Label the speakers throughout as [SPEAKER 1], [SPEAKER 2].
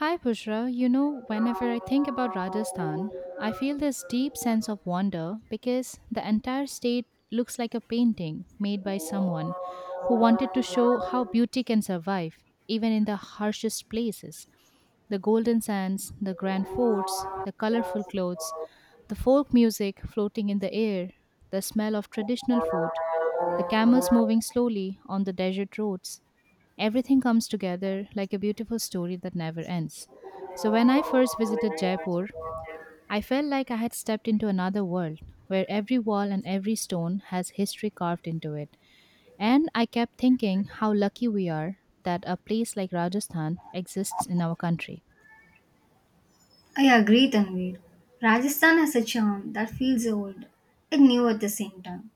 [SPEAKER 1] Hi, Pushra. You know, whenever I think about Rajasthan, I feel this deep sense of wonder because the entire state looks like a painting made by someone who wanted to show how beauty can survive even in the harshest places. The golden sands, the grand forts, the colorful clothes, the folk music floating in the air, the smell of traditional food, the camels moving slowly on the desert roads. Everything comes together like a beautiful story that never ends. So, when I first visited Jaipur, I felt like I had stepped into another world where every wall and every stone has history carved into it. And I kept thinking how lucky we are that a place like Rajasthan exists in our country.
[SPEAKER 2] I agree, Tanvir. Rajasthan has a charm that feels old and new at the same time.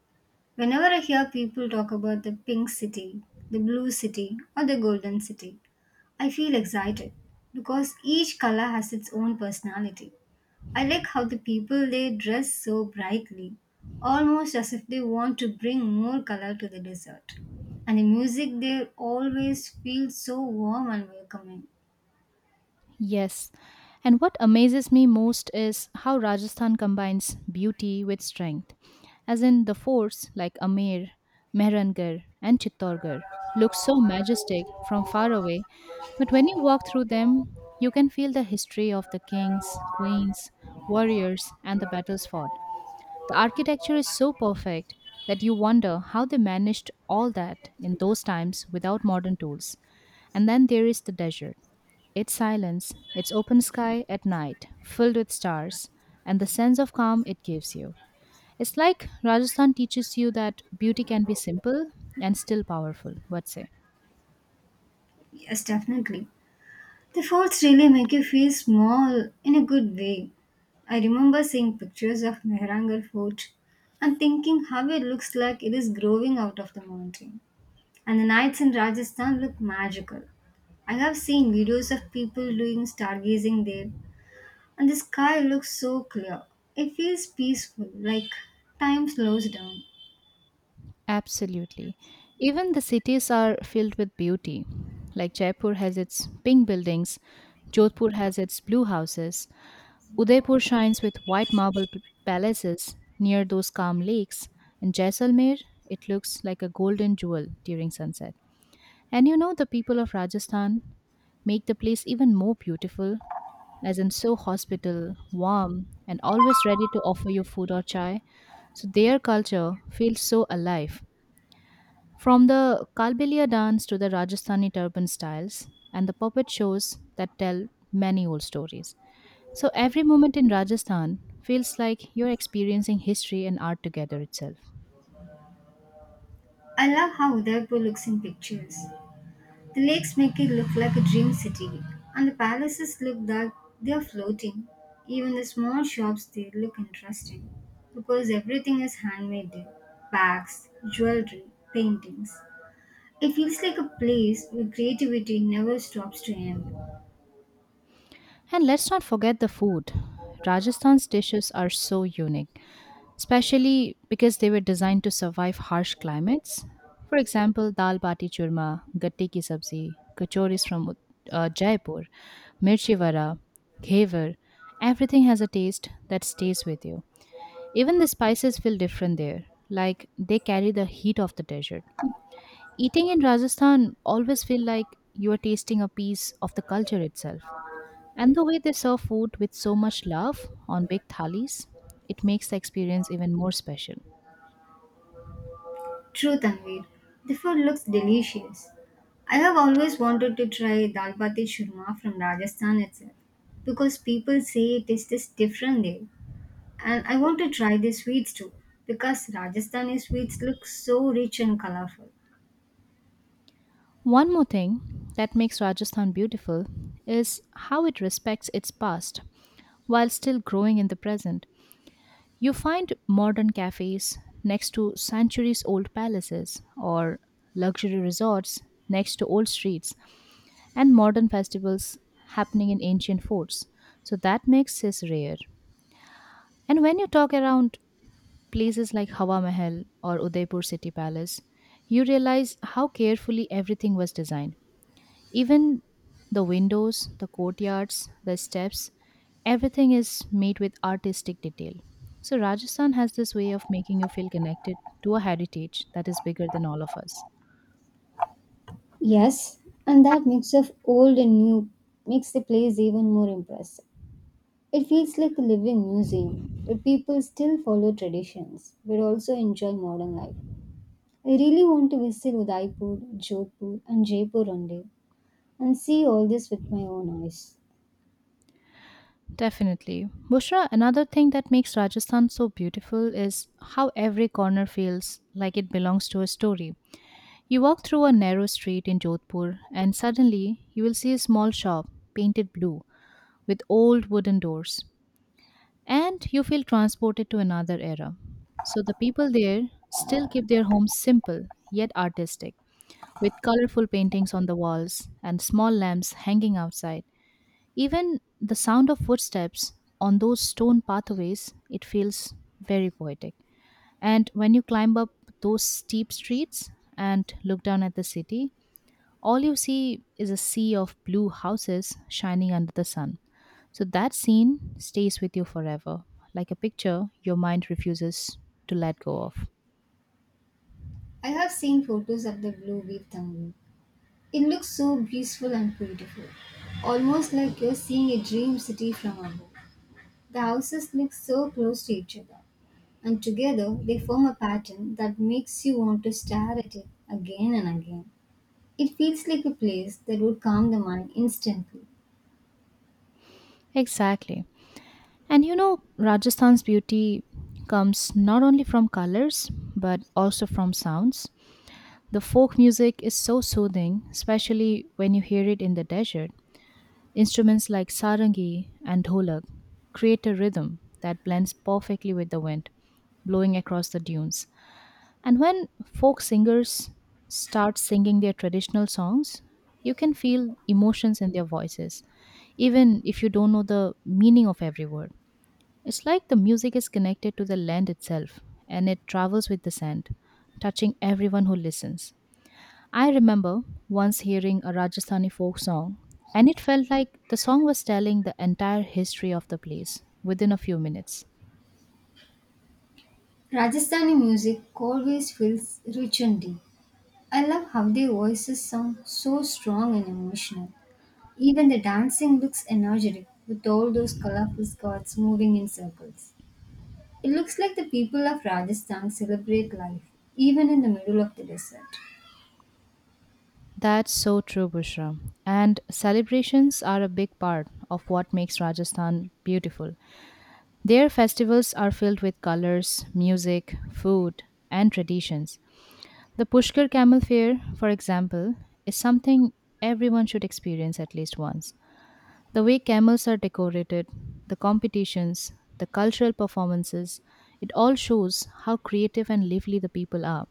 [SPEAKER 2] Whenever I hear people talk about the pink city, the blue city, or the golden city, I feel excited because each color has its own personality. I like how the people they dress so brightly, almost as if they want to bring more color to the desert. And the music there always feels so warm and welcoming.
[SPEAKER 1] Yes. And what amazes me most is how Rajasthan combines beauty with strength. As in the forts like Amer, Mehrangarh, and Chittorgarh look so majestic from far away, but when you walk through them, you can feel the history of the kings, queens, warriors, and the battles fought. The architecture is so perfect that you wonder how they managed all that in those times without modern tools. And then there is the desert, its silence, its open sky at night, filled with stars, and the sense of calm it gives you. It's like Rajasthan teaches you that beauty can be simple and still powerful, what say?
[SPEAKER 2] Yes, definitely. The forts really make you feel small in a good way. I remember seeing pictures of Mehrangarh Fort and thinking how it looks like it is growing out of the mountain. And the nights in Rajasthan look magical. I have seen videos of people doing stargazing there, and the sky looks so clear. It feels peaceful, like time slows down.
[SPEAKER 1] Absolutely. Even the cities are filled with beauty. Like Jaipur has its pink buildings, Jodhpur has its blue houses, Udaipur shines with white marble palaces near those calm lakes, and Jaisalmer, it looks like a golden jewel during sunset. And you know, the people of Rajasthan make the place even more beautiful, as in so hospitable, warm, and always ready to offer you food or chai. So their culture feels so alive, from the Kalbelia dance to the Rajasthani turban styles and the puppet shows that tell many old stories. So every moment in Rajasthan feels like you're experiencing history and art together itself.
[SPEAKER 2] I love how Udaipur looks in pictures. The lakes make it look like a dream city, and the palaces look like they are floating. Even the small shops there look interesting because everything is handmade there: bags, jewelry, paintings. It feels like a place where creativity never stops to end.
[SPEAKER 1] And let's not forget the food. Rajasthan's dishes are so unique, especially because they were designed to survive harsh climates. For example, dal bati churma, gatte ki sabzi, kachoris from Jaipur, mirchi vada, ghevar, everything has a taste that stays with you. Even the spices feel different there, like they carry the heat of the desert. Eating in Rajasthan always feel like you are tasting a piece of the culture itself. And the way they serve food with so much love on big thalis, it makes the experience even more special.
[SPEAKER 2] True, Tanvir, the food looks delicious. I have always wanted to try dal bati churma from Rajasthan itself because people say it tastes different there. And I want to try the sweets too because Rajasthani sweets look so rich and colorful.
[SPEAKER 1] One more thing that makes Rajasthan beautiful is how it respects its past while still growing in the present. You find modern cafes next to centuries old palaces, or luxury resorts next to old streets, and modern festivals happening in ancient forts. So that makes it rare. And when you talk around places like Hawa Mahal or Udaipur City Palace, you realize how carefully everything was designed. Even the windows, the courtyards, the steps, everything is made with artistic detail. So, Rajasthan has this way of making you feel connected to a heritage that is bigger than all of us.
[SPEAKER 2] Yes, and that mix of old and new makes the place even more impressive. It feels like a living museum where people still follow traditions but also enjoy modern life. I really want to visit Udaipur, Jodhpur, and Jaipur one day and see all this with my own eyes.
[SPEAKER 1] Definitely. Bushra, another thing that makes Rajasthan so beautiful is how every corner feels like it belongs to a story. You walk through a narrow street in Jodhpur, and suddenly you will see a small shop painted blue with old wooden doors, and you feel transported to another era. So the people there still keep their homes simple yet artistic, with colorful paintings on the walls and small lamps hanging outside. Even the sound of footsteps on those stone pathways, it feels very poetic. And when you climb up those steep streets and look down at the city, all you see is a sea of blue houses shining under the sun. So that scene stays with you forever, like a picture your mind refuses to let go of.
[SPEAKER 2] I have seen photos of the blue wheat tandoor. It looks so peaceful and beautiful, almost like you're seeing a dream city from above. The houses look so close to each other, and together they form a pattern that makes you want to stare at it again and again. It feels like a place that would calm the mind instantly.
[SPEAKER 1] Exactly. And you know, Rajasthan's beauty comes not only from colors, but also from sounds. The folk music is so soothing, especially when you hear it in the desert. Instruments like sarangi and dholak create a rhythm that blends perfectly with the wind blowing across the dunes. And when folk singers start singing their traditional songs, you can feel emotions in their voices, even if you don't know the meaning of every word. It's like the music is connected to the land itself, and it travels with the sand, touching everyone who listens. I remember once hearing a Rajasthani folk song, and it felt like the song was telling the entire history of the place within a few minutes.
[SPEAKER 2] Rajasthani music always feels rich and deep. I love how their voices sound so strong and emotional. Even the dancing looks energetic with all those colorful skirts moving in circles. It looks like the people of Rajasthan celebrate life, even in the middle of the desert.
[SPEAKER 1] That's so true, Bushra. And celebrations are a big part of what makes Rajasthan beautiful. Their festivals are filled with colors, music, food, and traditions. The Pushkar Camel Fair, for example, is something everyone should experience at least once. The way camels are decorated, the competitions, the cultural performances, it all shows how creative and lively the people are.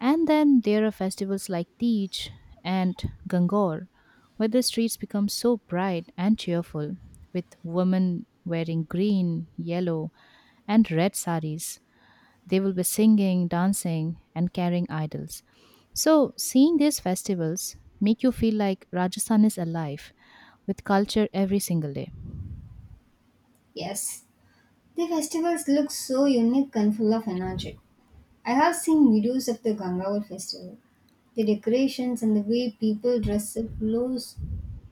[SPEAKER 1] And then there are festivals like Teej and Gangor, where the streets become so bright and cheerful, with women wearing green, yellow, and red saris. They will be singing, dancing, and carrying idols. So, seeing these festivals make you feel like Rajasthan is alive with culture every single day.
[SPEAKER 2] Yes, the festivals look so unique and full of energy. I have seen videos of the Gangawar festival. The decorations and the way people dress up looks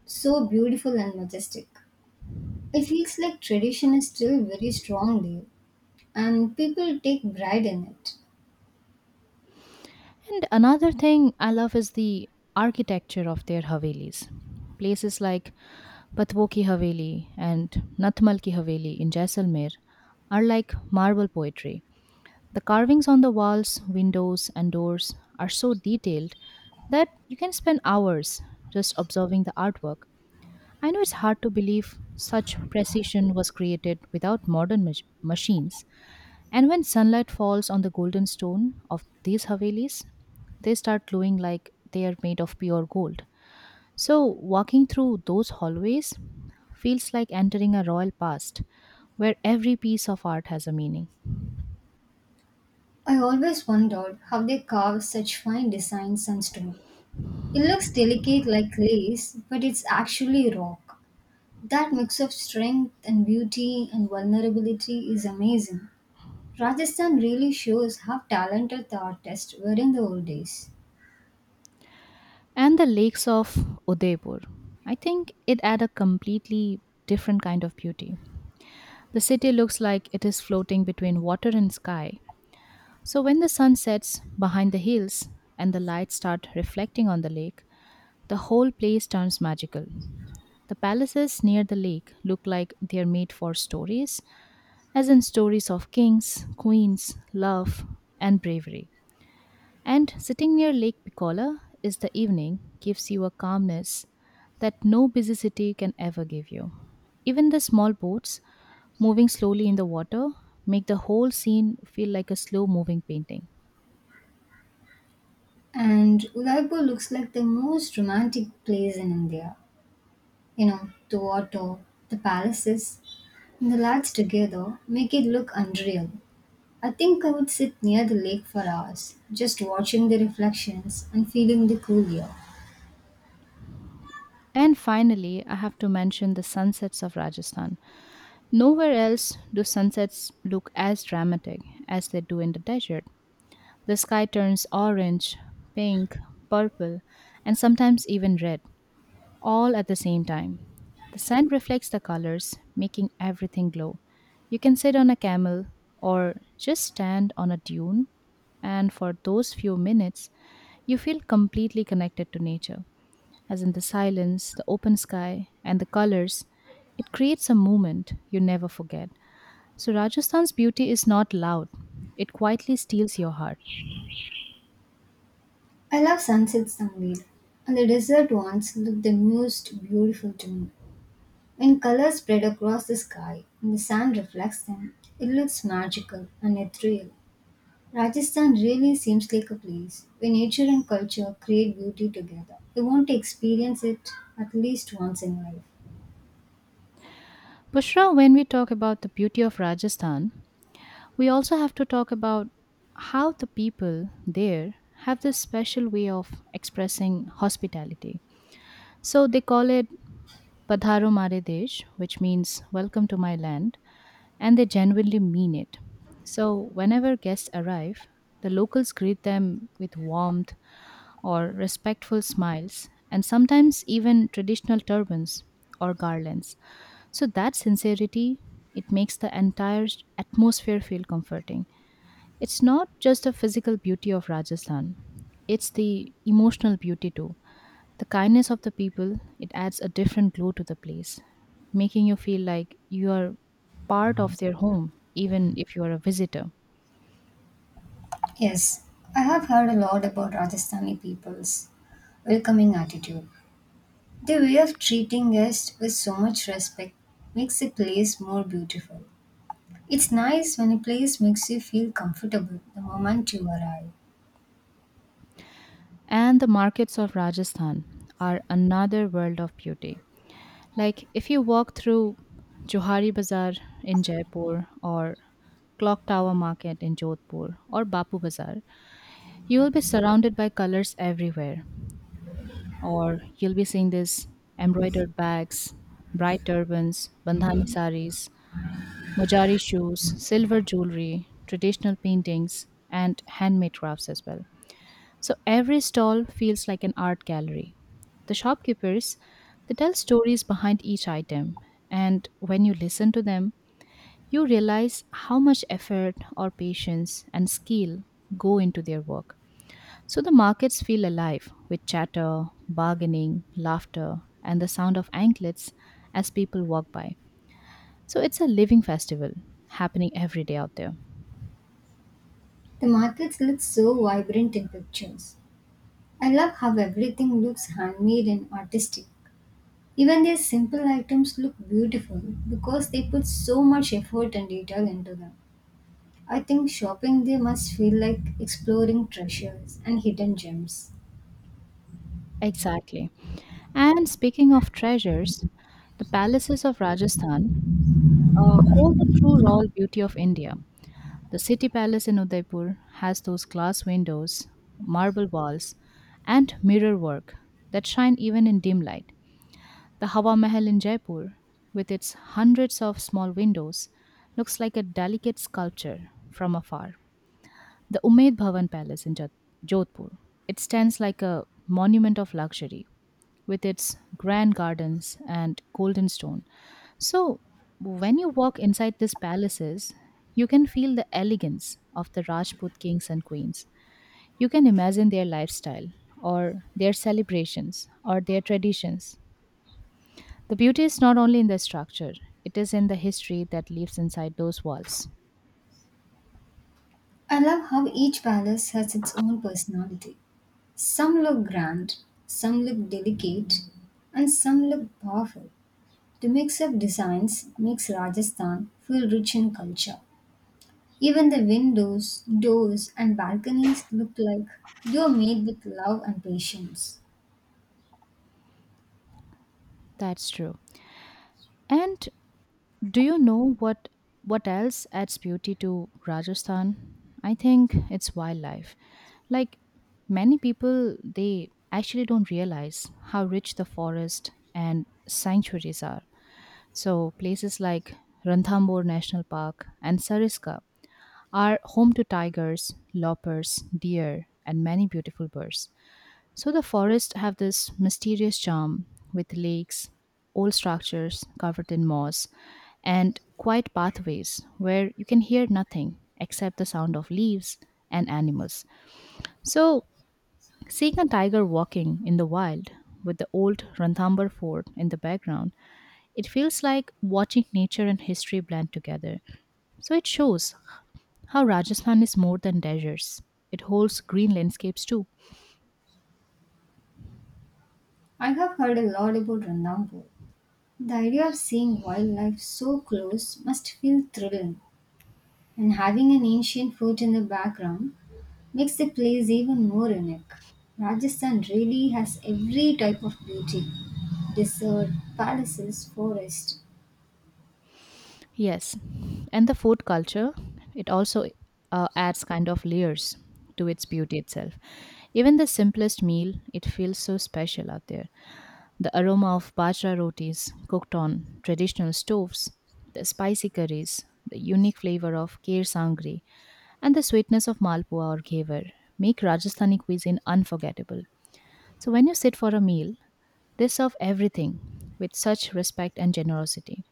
[SPEAKER 2] so beautiful and majestic. It feels like tradition is still very strong there, and people take pride in it.
[SPEAKER 1] And another thing I love is the architecture of their Havelis. Places like Patwo ki Haveli and Nathmal ki Haveli in Jaisalmer are like marble poetry. The carvings on the walls, windows, and doors are so detailed that you can spend hours just observing the artwork. I know it's hard to believe such precision was created without modern machines, and when sunlight falls on the golden stone of these Havelis, they start glowing like they are made of pure gold. So, walking through those hallways feels like entering a royal past where every piece of art has a meaning.
[SPEAKER 2] I always wondered how they carve such fine designs on stone. It looks delicate like lace, but it's actually rock. That mix of strength and beauty and vulnerability is amazing. Rajasthan really shows how talented the artists were in the old days.
[SPEAKER 1] And the lakes of Udaipur, I think it add a completely different kind of beauty. The city looks like it is floating between water and sky. So, when the sun sets behind the hills and the lights start reflecting on the lake, the whole place turns magical. The palaces near the lake look like they're made for stories, as in stories of kings, queens, love, and bravery. And sitting near Lake Piccola is the evening gives you a calmness that no busy city can ever give you. Even the small boats moving slowly in the water make the whole scene feel like a slow moving painting.
[SPEAKER 2] And Udaipur looks like the most romantic place in India. You know, the water, the palaces, and the lights together make it look unreal. I think I would sit near the lake for hours, just watching the reflections and feeling the cool air.
[SPEAKER 1] And finally, I have to mention the sunsets of Rajasthan. Nowhere else do sunsets look as dramatic as they do in the desert. The sky turns orange, pink, purple, and sometimes even red, all at the same time. The sun reflects the colors, making everything glow. You can sit on a camel or just stand on a dune, and for those few minutes, you feel completely connected to nature. As in the silence, the open sky, and the colors, it creates a moment you never forget. So, Rajasthan's beauty is not loud, it quietly steals your heart.
[SPEAKER 2] I love sunsets somewhere, and the desert ones look the most beautiful to me. When colors spread across the sky and the sun reflects them, it looks magical and ethereal. Rajasthan really seems like a place where nature and culture create beauty together. You want to experience it at least once in life.
[SPEAKER 1] Pushra, when we talk about the beauty of Rajasthan, we also have to talk about how the people there have this special way of expressing hospitality. So, they call it Padharo Mare Desh, which means welcome to my land, and they genuinely mean it. So, whenever guests arrive, the locals greet them with warmth, or respectful smiles, and sometimes even traditional turbans or garlands. So that sincerity, it makes the entire atmosphere feel comforting. It's not just the physical beauty of Rajasthan, it's the emotional beauty too. The kindness of the people, it adds a different glow to the place, making you feel like you are part of their home, even if you are a visitor.
[SPEAKER 2] Yes, I have heard a lot about Rajasthani people's welcoming attitude. Their way of treating guests with so much respect makes the place more beautiful. It's nice when a place makes you feel comfortable the moment you arrive.
[SPEAKER 1] And the markets of Rajasthan are another world of beauty. Like if you walk through Johari Bazaar in Jaipur or Clock Tower Market in Jodhpur or Bapu Bazaar, you will be surrounded by colors everywhere. Or you'll be seeing these embroidered bags, bright turbans, bandhani saris, mojari shoes, silver jewelry, traditional paintings, and handmade crafts as well. So every stall feels like an art gallery. The shopkeepers, they tell stories behind each item, and when you listen to them, you realize how much effort or patience and skill go into their work. So the markets feel alive with chatter, bargaining, laughter, and the sound of anklets as people walk by. So it's a living festival happening every day out there.
[SPEAKER 2] The markets look so vibrant in pictures. I love how everything looks handmade and artistic. Even their simple items look beautiful because they put so much effort and detail into them. I think shopping there must feel like exploring treasures and hidden gems.
[SPEAKER 1] Exactly. And speaking of treasures, the palaces of Rajasthan hold the true raw beauty of India. The city palace in Udaipur has those glass windows, marble walls, and mirror work that shine even in dim light. The Hawa Mahal in Jaipur, with its hundreds of small windows, looks like a delicate sculpture from afar. The Umaid Bhavan Palace in Jodhpur, it stands like a monument of luxury with its grand gardens and golden stone. So, when you walk inside these palaces, you can feel the elegance of the Rajput kings and queens. You can imagine their lifestyle, or their celebrations, or their traditions. The beauty is not only in the structure, it is in the history that lives inside those walls.
[SPEAKER 2] I love how each palace has its own personality. Some look grand, some look delicate, and some look powerful. The mix-up designs makes Rajasthan feel rich in culture. Even the windows, doors, and balconies look like they are made with love and patience.
[SPEAKER 1] That's true. And Do you know what else adds beauty to Rajasthan? I think it's wildlife. Like many people they actually don't realize how rich the forest and sanctuaries are. So places like Ranthambore National Park and Sariska are home to tigers, leopards, deer and many beautiful birds. So the forests have this mysterious charm with lakes, old structures covered in moss, and quiet pathways where you can hear nothing except the sound of leaves and animals. So seeing a tiger walking in the wild with the old Ranthambore fort in the background, it feels like watching nature and history blend together. So it shows how Rajasthan is more than deserts. It holds green landscapes too.
[SPEAKER 2] I have heard a lot about Randampur. The idea of seeing wildlife so close must feel thrilling, and having an ancient fort in the background makes the place even more unique. Rajasthan really has every type of beauty: desert, palaces, forest.
[SPEAKER 1] Yes, and the food culture, it also adds kind of layers to its beauty itself. Even the simplest meal, it feels so special out there. The aroma of bajra rotis cooked on traditional stoves, the spicy curries, the unique flavor of kheer sangri, and the sweetness of malpua or ghevar make Rajasthani cuisine unforgettable. So when you sit for a meal, they serve everything with such respect and generosity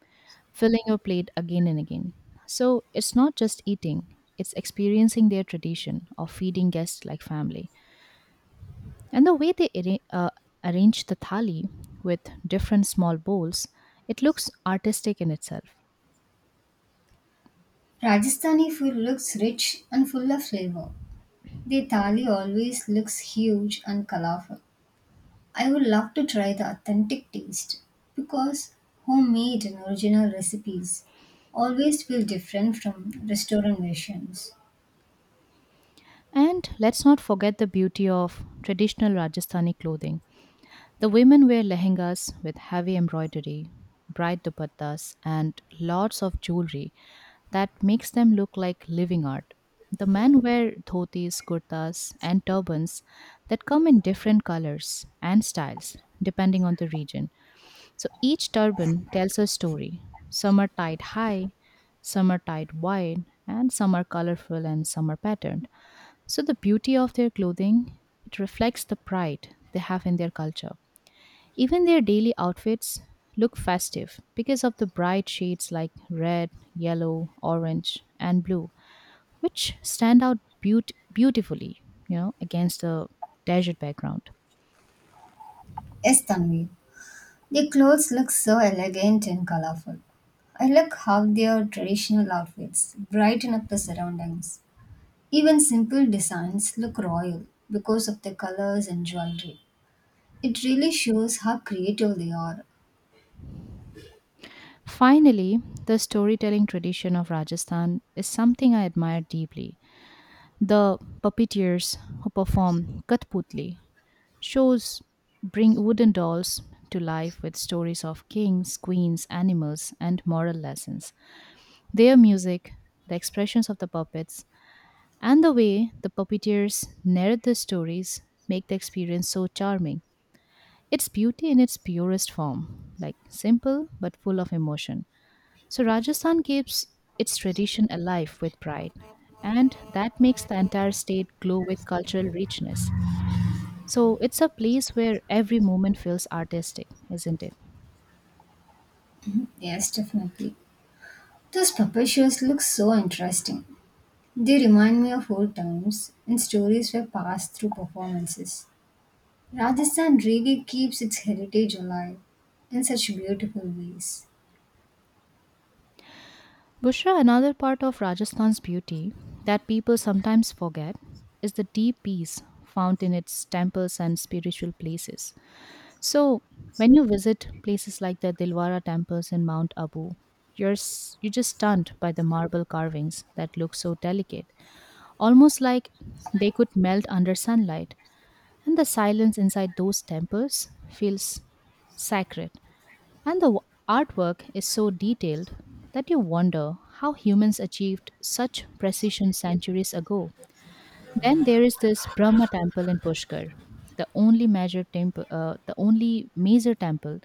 [SPEAKER 1] filling your plate again and again. So it's not just eating, it's experiencing their tradition of feeding guests like family. And the way they arrange the thali with different small bowls, it looks artistic in itself.
[SPEAKER 2] Rajasthani food looks rich and full of flavor. The thali always looks huge and colorful. I would love to try the authentic taste because homemade and original recipes always feel different from restaurant versions.
[SPEAKER 1] And let's not forget the beauty of traditional Rajasthani clothing. The women wear lehengas with heavy embroidery, bright dupattas, and lots of jewelry that makes them look like living art. The men wear dhotis, kurtas, and turbans that come in different colors and styles depending on the region. So each turban tells a story. Some are tied high, some are tied wide, and some are colorful and some are patterned. So the beauty of their clothing, it reflects the pride they have in their culture. Even their daily outfits look festive because of the bright shades like red, yellow, orange, and blue, which stand out beautifully, you know, against the desert background.
[SPEAKER 2] Yes, Tanvi, their clothes look so elegant and colorful. I like how their traditional outfits brighten up the surroundings. Even simple designs look royal because of the colors and jewelry. It really shows how creative they are.
[SPEAKER 1] Finally, the storytelling tradition of Rajasthan is something I admire deeply. The puppeteers who perform Kathputli shows bring wooden dolls to life with stories of kings, queens, animals, and moral lessons. Their music, the expressions of the puppets, and the way the puppeteers narrate the stories make the experience so charming. It's beauty in its purest form, like simple but full of emotion. So Rajasthan keeps its tradition alive with pride, and that makes the entire state glow with cultural richness. So it's a place where every moment feels artistic, isn't it?
[SPEAKER 2] Yes, definitely. Those puppet shows look so interesting. They remind me of old times when stories were passed through performances. Rajasthan really keeps its heritage alive in such beautiful ways.
[SPEAKER 1] Bushra, another part of Rajasthan's beauty that people sometimes forget is the deep peace found in its temples and spiritual places. So, when you visit places like the Dilwara temples in Mount Abu, you're just stunned by the marble carvings that look so delicate, almost like they could melt under sunlight. And the silence inside those temples feels sacred. And the artwork is so detailed that you wonder how humans achieved such precision centuries ago. Then there is this Brahma temple in Pushkar, the only major temple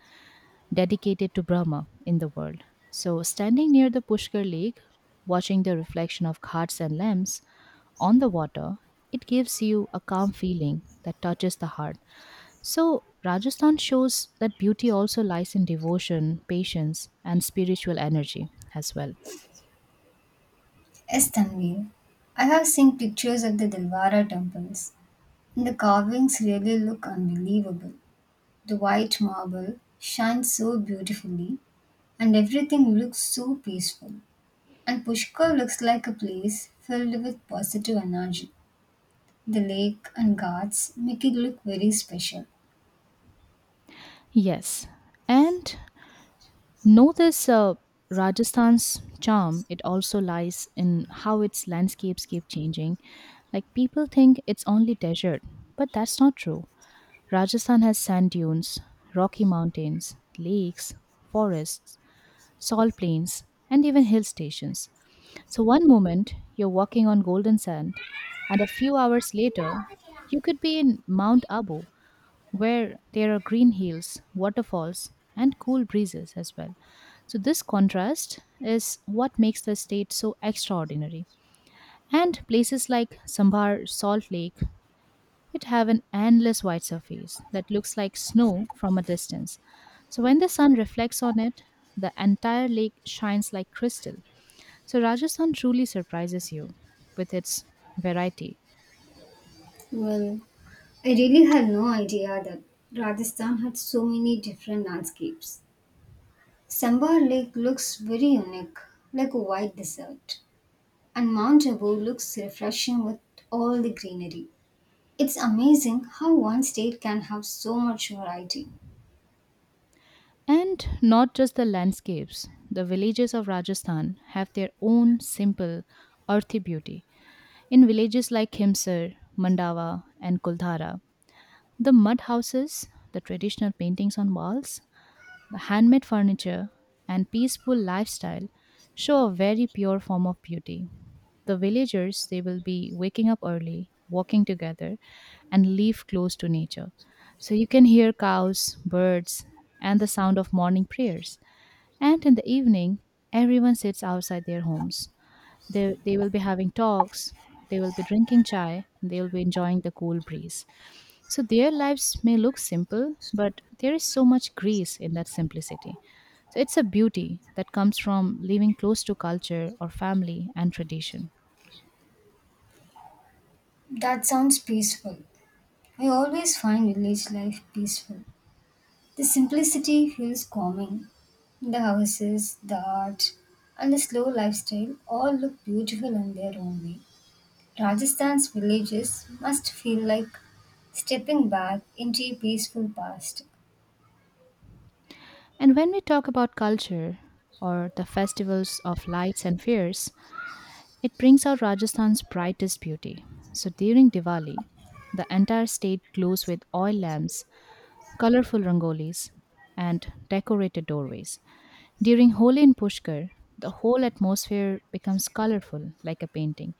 [SPEAKER 1] dedicated to Brahma in the world. So standing near the Pushkar lake, watching the reflection of ghats and lamps on the water, it gives you a calm feeling that touches the heart. So, Rajasthan shows that beauty also lies in devotion, patience, and spiritual energy as well.
[SPEAKER 2] Yes, Tanvir. I have seen pictures of the Dilwara temples, and the carvings really look unbelievable. The white marble shines so beautifully, and everything looks so peaceful. And Pushkar looks like a place filled with positive energy. The lake and ghats make it look very special.
[SPEAKER 1] Yes. And know this Rajasthan's charm, it also lies in how its landscapes keep changing. Like people think it's only desert, but that's not true. Rajasthan has sand dunes, rocky mountains, lakes, forests, salt plains, and even hill stations. So, one moment you're walking on golden sand, and a few hours later, you could be in Mount Abu, where there are green hills, waterfalls, and cool breezes as well. So, this contrast is what makes the state so extraordinary. And places like Sambar Salt Lake, it have an endless white surface that looks like snow from a distance. So, when the sun reflects on it, the entire lake shines like crystal. So Rajasthan truly surprises you with its variety.
[SPEAKER 2] Well, I really had no idea that Rajasthan had so many different landscapes. Sambar Lake looks very unique, like a white desert, and Mount Abu looks refreshing with all the greenery. It's amazing how one state can have so much variety.
[SPEAKER 1] And not just the landscapes, the villages of Rajasthan have their own simple, earthy beauty. In villages like Khimsar, Mandawa, and Kuldhara, the mud houses, the traditional paintings on walls, the handmade furniture and peaceful lifestyle show a very pure form of beauty. The villagers, they will be waking up early, walking together, and live close to nature. So you can hear cows, birds, and the sound of morning prayers. And in the evening, everyone sits outside their homes. They will be having talks, they will be drinking chai, and they will be enjoying the cool breeze. So their lives may look simple, but there is so much grace in that simplicity. So it's a beauty that comes from living close to culture or family and tradition.
[SPEAKER 2] That sounds peaceful. I always find village life peaceful. The simplicity feels calming. The houses, the art, and the slow lifestyle all look beautiful in their own way. Rajasthan's villages must feel like stepping back into a peaceful past.
[SPEAKER 1] And when we talk about culture or the festivals of lights and fairs, it brings out Rajasthan's brightest beauty. So during Diwali, the entire state glows with oil lamps, colorful rangolis, and decorated doorways. During Holi and Pushkar, the whole atmosphere becomes colorful like a painting.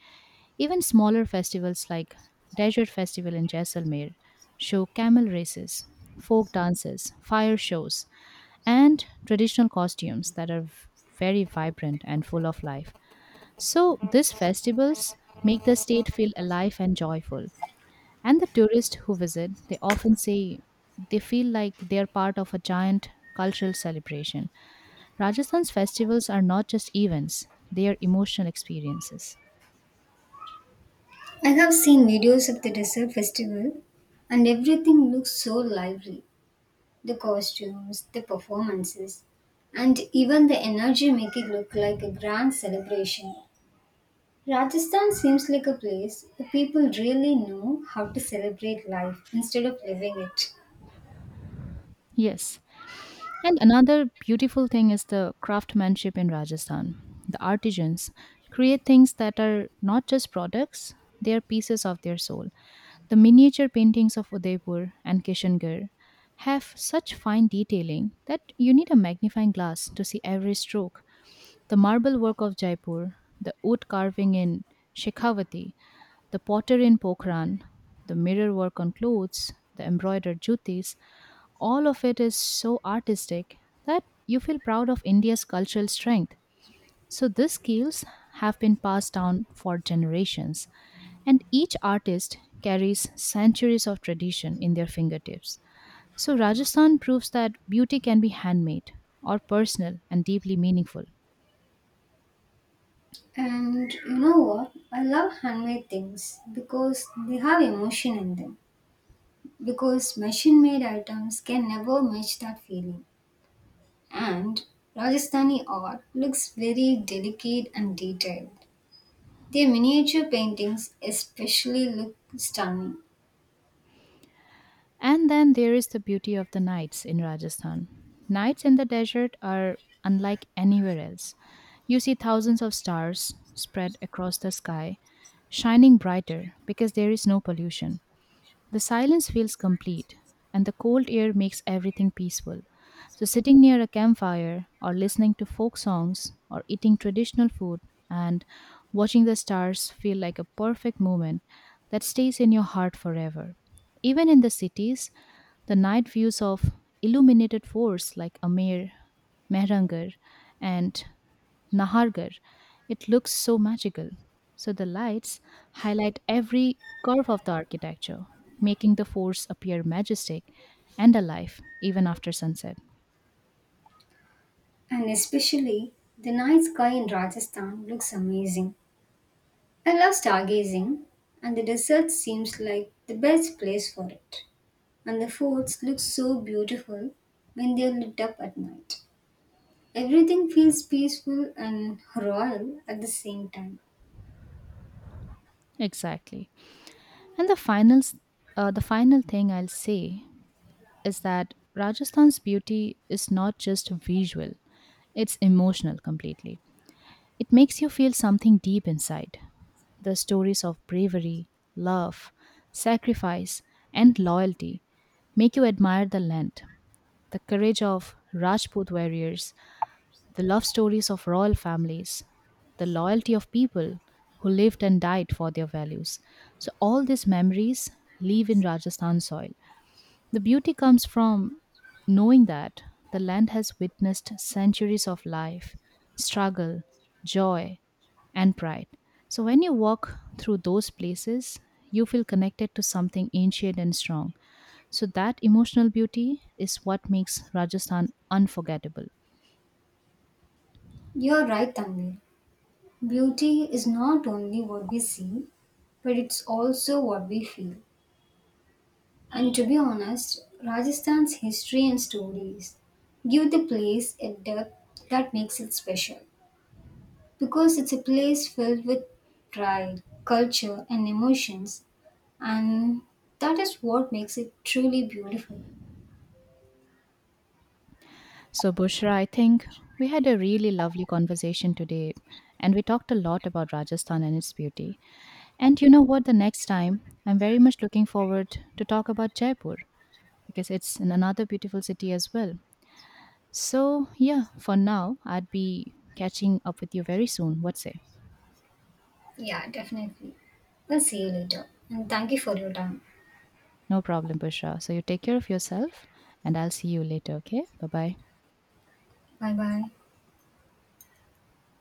[SPEAKER 1] Even smaller festivals like Desert Festival in Jaisalmer show camel races, folk dances, fire shows, and traditional costumes that are very vibrant and full of life. So, these festivals make the state feel alive and joyful. And the tourists who visit, they often say they feel like they are part of a giant cultural celebration. Rajasthan's festivals are not just events, they are emotional experiences.
[SPEAKER 2] I have seen videos of the desert festival, and everything looks so lively: the costumes, the performances, and even the energy make it look like a grand celebration. Rajasthan seems like a place where people really know how to celebrate life instead of living it.
[SPEAKER 1] Yes. And another beautiful thing is the craftsmanship in Rajasthan. The artisans create things that are not just products, they are pieces of their soul. The miniature paintings of Udaipur and Kishangarh have such fine detailing that you need a magnifying glass to see every stroke. The marble work of Jaipur, the wood carving in Shekhawati, the pottery in Pokhran, the mirror work on clothes, the embroidered jutis, all of it is so artistic that you feel proud of India's cultural strength. So these skills have been passed down for generations, and each artist carries centuries of tradition in their fingertips. So Rajasthan proves that beauty can be handmade or personal and deeply meaningful.
[SPEAKER 2] And you know what? I love handmade things because they have emotion in them. Because machine made items can never match that feeling. And Rajasthani art looks very delicate and detailed. Their miniature paintings especially look stunning.
[SPEAKER 1] And then there is the beauty of the nights in Rajasthan. Nights in the desert are unlike anywhere else. You see thousands of stars spread across the sky, shining brighter because there is no pollution. The silence feels complete, and the cold air makes everything peaceful. So, sitting near a campfire, or listening to folk songs, or eating traditional food, and watching the stars feel like a perfect moment that stays in your heart forever. Even in the cities, the night views of illuminated forts like Amir, Mehrangarh, and Nahargarh, it looks so magical. So the lights highlight every curve of the architecture, making the forts appear majestic and alive even after sunset.
[SPEAKER 2] And especially the night sky in Rajasthan looks amazing. I love stargazing, and the desert seems like the best place for it. And the forts look so beautiful when they are lit up at night. Everything feels peaceful and royal at the same time.
[SPEAKER 1] Exactly. And the final thing I'll say is that Rajasthan's beauty is not just visual; it's emotional completely. It makes you feel something deep inside. The stories of bravery, love, sacrifice, and loyalty make you admire the land, the courage of Rajput warriors, the love stories of royal families, the loyalty of people who lived and died for their values. So, all these memories live in Rajasthan soil. The beauty comes from knowing that the land has witnessed centuries of life, struggle, joy, and pride. So when you walk through those places, you feel connected to something ancient and strong. So that emotional beauty is what makes Rajasthan unforgettable.
[SPEAKER 2] You're right, Tanvir. Beauty is not only what we see, but it's also what we feel. And to be honest, Rajasthan's history and stories give the place a depth that makes it special. Because it's a place filled with pride, culture, and emotions, and that is what makes it truly beautiful.
[SPEAKER 1] So, Bushra, I think we had a really lovely conversation today and we talked a lot about Rajasthan and its beauty. And you know what? The next time, I'm very much looking forward to talk about Jaipur, because it's in another beautiful city as well. So, yeah, for now, I'd be catching up with you very soon. What say?
[SPEAKER 2] Yeah, definitely. We'll see you later. And thank you for your time.
[SPEAKER 1] No problem, Bushra. So, you take care of yourself, and I'll see you later, okay? Bye bye.
[SPEAKER 2] Bye bye.